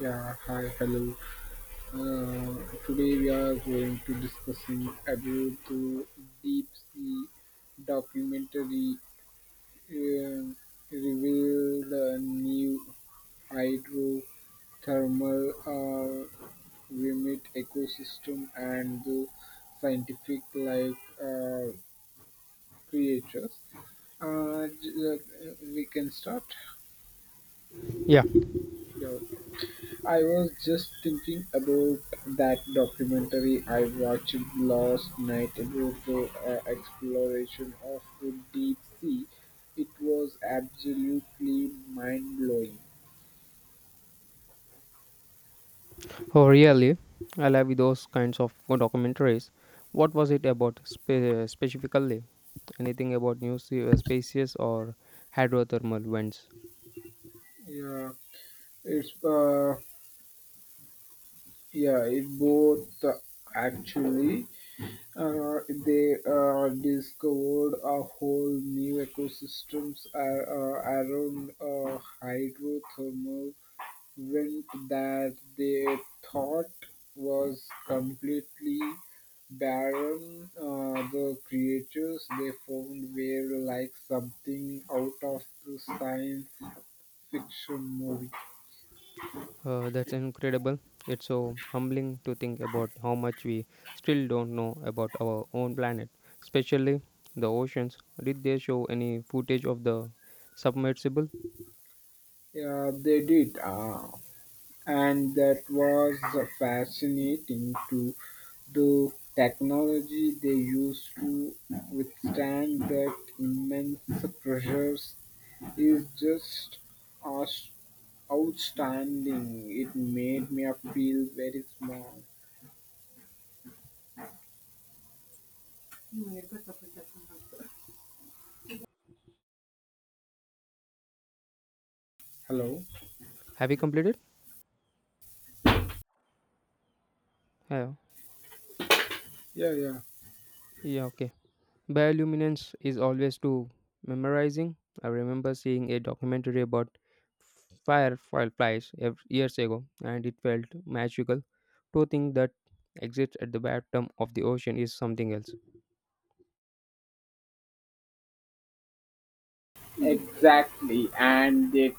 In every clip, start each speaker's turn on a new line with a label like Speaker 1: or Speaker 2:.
Speaker 1: Yeah, hi, hello. Uh, Today we are going to discussing about the deep sea documentary, uh, reveal the new hydrothermal, uh, remit ecosystem and the scientific like creatures. We can start.
Speaker 2: Yeah,
Speaker 1: Yeah. I was just thinking about that documentary I watched last night about the exploration of the deep sea. It was absolutely mind blowing.
Speaker 2: oh, really. I love those kinds of documentaries. What was it about specifically? Anything about new spaces or hydrothermal vents?
Speaker 1: Yeah, it's uh, yeah, it both, actually they discovered a whole new ecosystems around hydrothermal wind that they thought was completely barren. The creatures they found were like something out of the science fiction movie.
Speaker 2: That's incredible. It's so humbling to think about how much we still don't know about our own planet, especially the oceans. Did they show any footage of the submersible?
Speaker 1: Yeah, they did. And that was fascinating to the technology they used to withstand that immense pressures is just aus- outstanding. It made me feel very small. Hello?
Speaker 2: Have you completed? Yeah.
Speaker 1: Yeah, yeah.
Speaker 2: Yeah. Okay. Bioluminance is always too memorizing. I remember seeing a documentary about fireflies years ago, and it felt magical. To think that exists at the bottom of the ocean is something else.
Speaker 1: Exactly, and they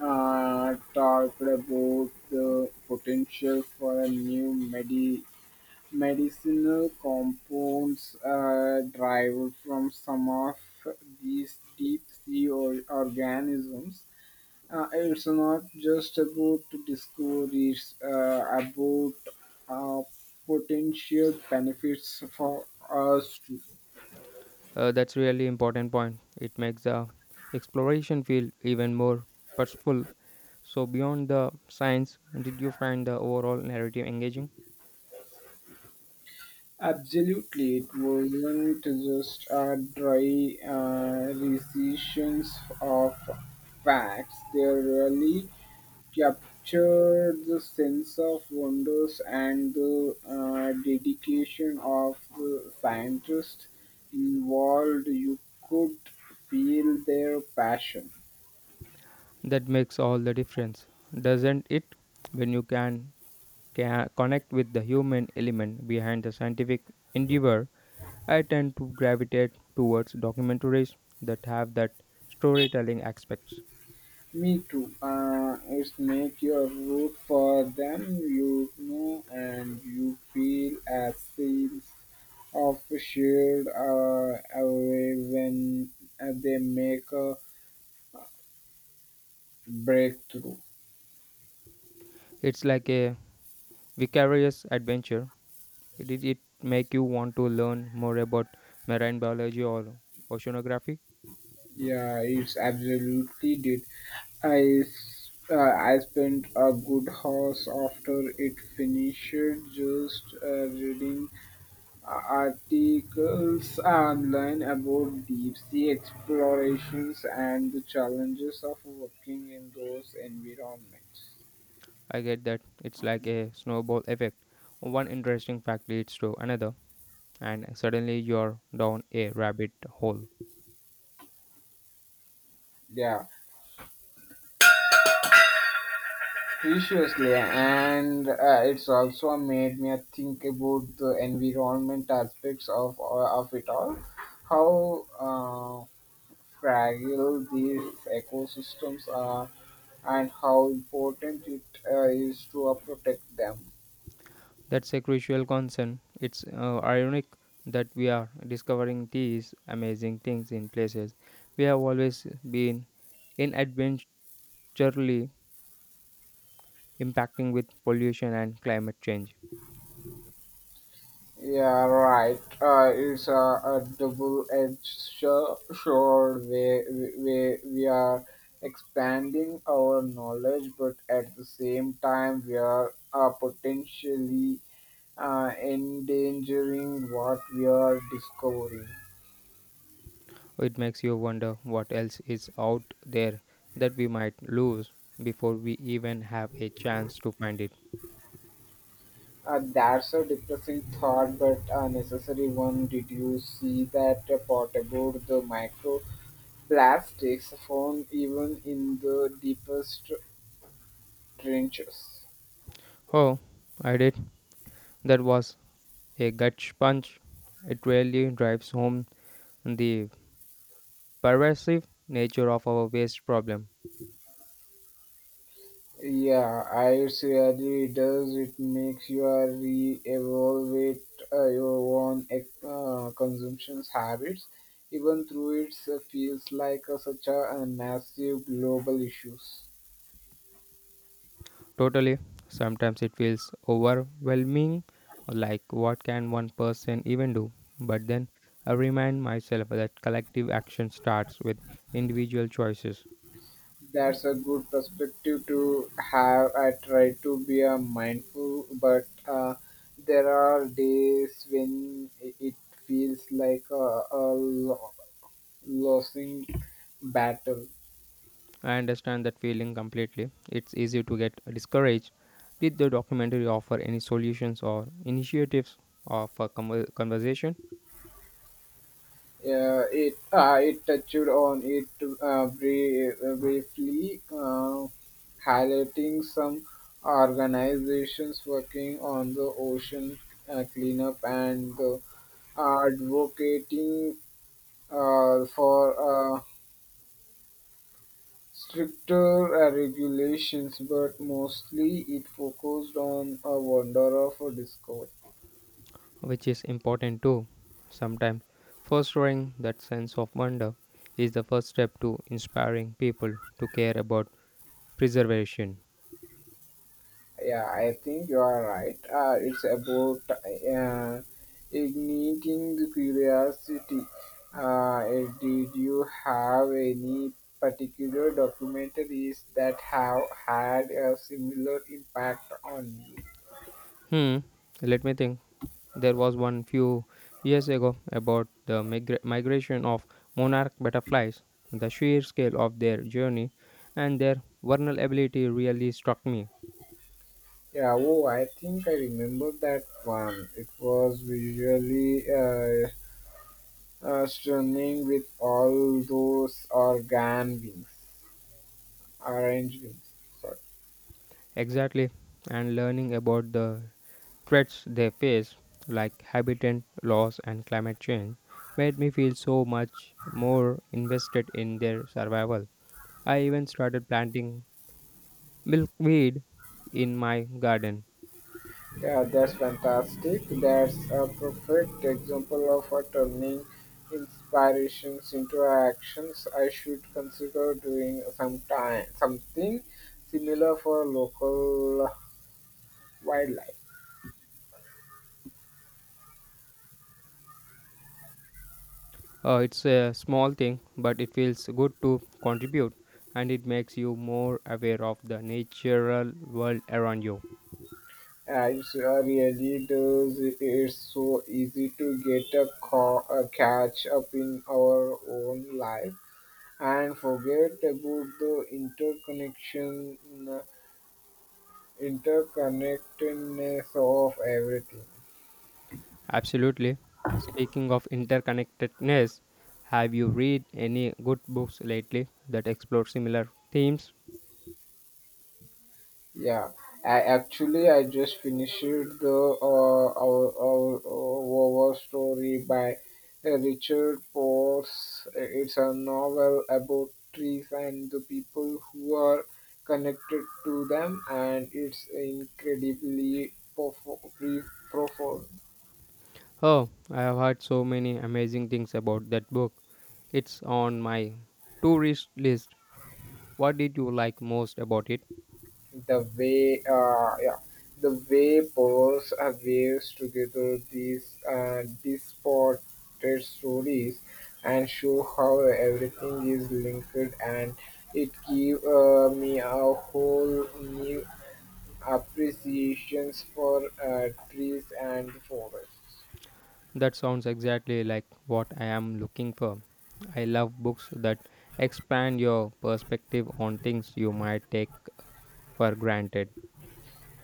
Speaker 1: talked about the potential for a new medicinal compounds derived from some of these deep sea organisms. It's not just about discourse, it's, about uh, potential benefits for us too.
Speaker 2: That's really important point. It makes the exploration feel even more purposeful. So beyond the science, did you find the overall narrative engaging?
Speaker 1: Absolutely, it wasn't just a dry recitation of facts. They really captured the sense of wonders and the dedication of the scientists involved. You could feel their passion.
Speaker 2: That makes all the difference, doesn't it? When you can connect with the human element behind the scientific endeavor, I tend to gravitate towards documentaries that have that storytelling aspects.
Speaker 1: Me too. It's make your root for them, you know, and you feel a sense of shared away when they make a breakthrough.
Speaker 2: It's like a vicarious adventure. Did it make you want to learn more about marine biology or oceanography?
Speaker 1: Yeah, it's absolutely did I spent a good hours after it finished just reading articles online about deep sea explorations and the challenges of working in those environments.
Speaker 2: I get that it's like a snowball effect. One interesting fact leads to another, and suddenly you're down a rabbit hole.
Speaker 1: Yeah, preciously, and it's also made me think about the environment aspects of it all, how, uh, fragile these ecosystems are and how important it is to protect them.
Speaker 2: That's a crucial concern. It's ironic that we are discovering these amazing things in places we have always been inadvertently impacting with pollution and climate change.
Speaker 1: Yeah, right. It's a double-edged sword where we are expanding our knowledge, but at the same time, we are potentially endangering what we are discovering.
Speaker 2: It makes you wonder what else is out there that we might lose before we even have a chance to find it.
Speaker 1: That's a depressing thought, but a necessary one. Did you see that part about the micro plastics takes phone even in the deepest trenches.
Speaker 2: Oh, I did. That was a gut punch. It really drives home the pervasive nature of our waste problem.
Speaker 1: Yeah, I really does. It makes you re-evaluate your own consumption habits, even through it feels like such a massive global issues.
Speaker 2: Totally. Sometimes it feels overwhelming, like what can one person even do? But then I remind myself that collective action starts with individual choices.
Speaker 1: That's a good perspective to have. I try to be a mindful, but there are days when it feels like a losing battle.
Speaker 2: I understand that feeling completely. It's easy to get discouraged. Did the documentary offer any solutions or initiatives of a conversation?
Speaker 1: Yeah, it touched on it briefly, highlighting some organizations working on the ocean cleanup and the advocating for stricter regulations, but mostly it focused on a wonder of a discovery.
Speaker 2: Which is important too. Sometimes fostering that sense of wonder is the first step to inspiring people to care about preservation.
Speaker 1: Yeah, I think you are right. It's about igniting the curiosity. Did you have any particular documentaries that have had a similar impact on you?
Speaker 2: Hmm, let me think. There was one few years ago about the migration of monarch butterflies. The sheer scale of their journey and their vulnerability really struck me.
Speaker 1: Yeah, oh, I think I remember that one. It was visually stunning with all those organ wings, orange wings. Sorry.
Speaker 2: Exactly, and learning about the threats they face, like habitat loss and climate change, made me feel so much more invested in their survival. I even started planting milkweed in my garden.
Speaker 1: Yeah, that's fantastic. That's a perfect example of a turning inspirations into actions. I should consider doing some time, something similar for local wildlife.
Speaker 2: It's a small thing, but it feels good to contribute and it makes you more aware of the natural world around you.
Speaker 1: It really does. It's so easy to get a catch up in our own life and forget about the interconnection interconnectedness of everything.
Speaker 2: Absolutely. Speaking of interconnectedness, have you read any good books lately that explore similar themes?
Speaker 1: Yeah, I actually I just finished the our story by Richard Porse. It's a novel about trees and the people who are connected to them and it's incredibly profound.
Speaker 2: Oh, I have heard so many amazing things about that book. It's on my tourist list. What did you like most about it?
Speaker 1: The way the way poets weaves together these disparate stories and show how everything is linked and it give me a whole new appreciations for trees and forests.
Speaker 2: That sounds exactly like what I am looking for. I love books that expand your perspective on things you might take for granted.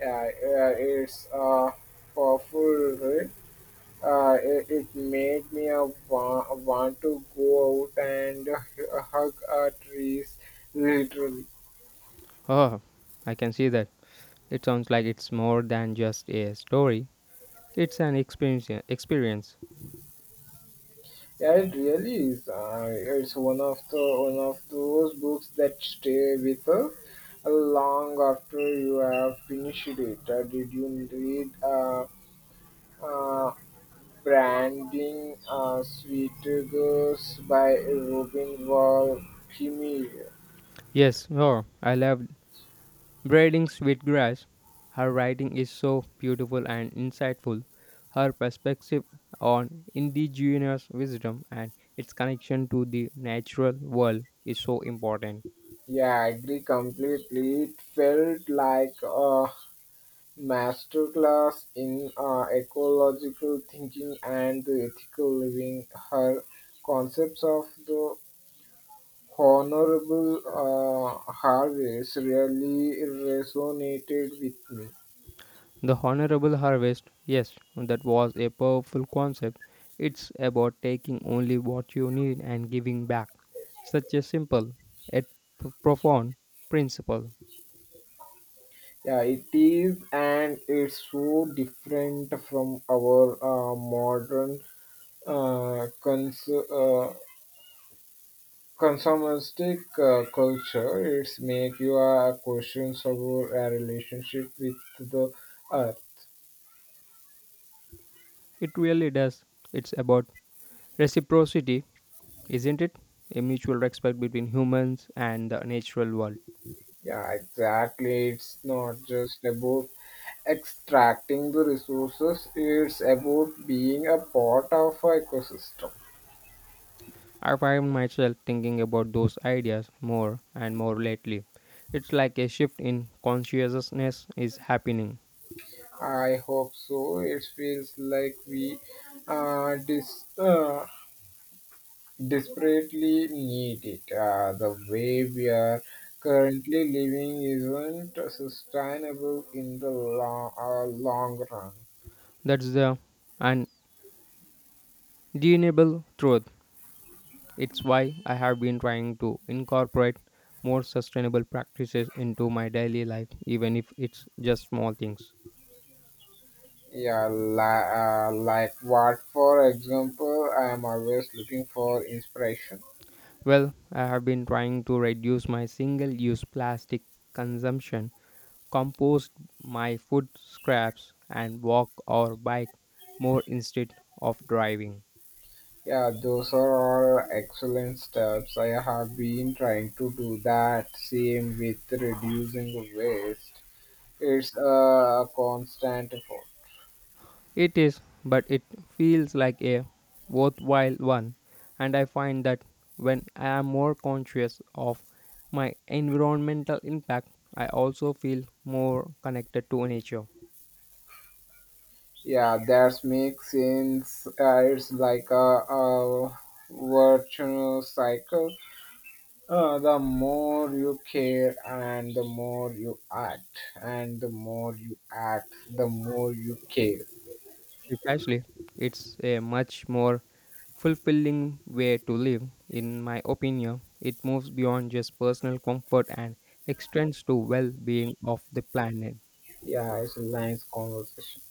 Speaker 1: Yeah, it's a powerful. It made me want to go out and hug trees, literally.
Speaker 2: Oh, I can see that. It sounds like it's more than just a story. It's an experience. Experience.
Speaker 1: Yeah, it really is. It's one of those books that stay with us long after you have finished it. Did you read uh, Branding Sweet Girls by Robin Wall Kimmerer?
Speaker 2: Yes. Oh, I love Braiding Sweetgrass, her writing is so beautiful and insightful. Her perspective on indigenous wisdom and its connection to the natural world is so important.
Speaker 1: Yeah, I agree completely. It felt like a masterclass in ecological thinking and the ethical living. Her concepts of the honorable harvest really resonated with me.
Speaker 2: The honorable harvest, yes, that was a powerful concept. It's about taking only what you need and giving back. Such a simple yet profound principle.
Speaker 1: Yeah, it is, and it's so different from our modern uh, cons- uh, consumeristic culture. It's make you questions about a relationship with the earth.
Speaker 2: It really does. It's about reciprocity. Isn't it? A mutual respect between humans and the natural world.
Speaker 1: Yeah, exactly. It's not just about extracting the resources, it's about being a part of our ecosystem.
Speaker 2: I find myself thinking about those ideas more and more lately. It's like a shift in consciousness is happening.
Speaker 1: I hope so. It feels like we uh, dis- uh, desperately need it. The way we are currently living isn't sustainable in the long run.
Speaker 2: That's the undeniable truth. It's why I have been trying to incorporate more sustainable practices into my daily life, even if it's just small things.
Speaker 1: Yeah, like what, for example, I am always looking for inspiration.
Speaker 2: Well, I have been trying to reduce my single use plastic consumption, compost my food scraps and walk or bike more instead of driving.
Speaker 1: Yeah, those are all excellent steps. I have been trying to do that same with reducing waste. It's a constant effort.
Speaker 2: It is, but it feels like a worthwhile one, and I find that when I am more conscious of my environmental impact, I also feel more connected to nature.
Speaker 1: Yeah, that makes sense. It's like a virtuous cycle. The more you care and the more you act, and the more you act, the more you care.
Speaker 2: Precisely. It's a much more fulfilling way to live. In my opinion, it moves beyond just personal comfort and extends to well being of the planet.
Speaker 1: Yeah, it's a nice conversation.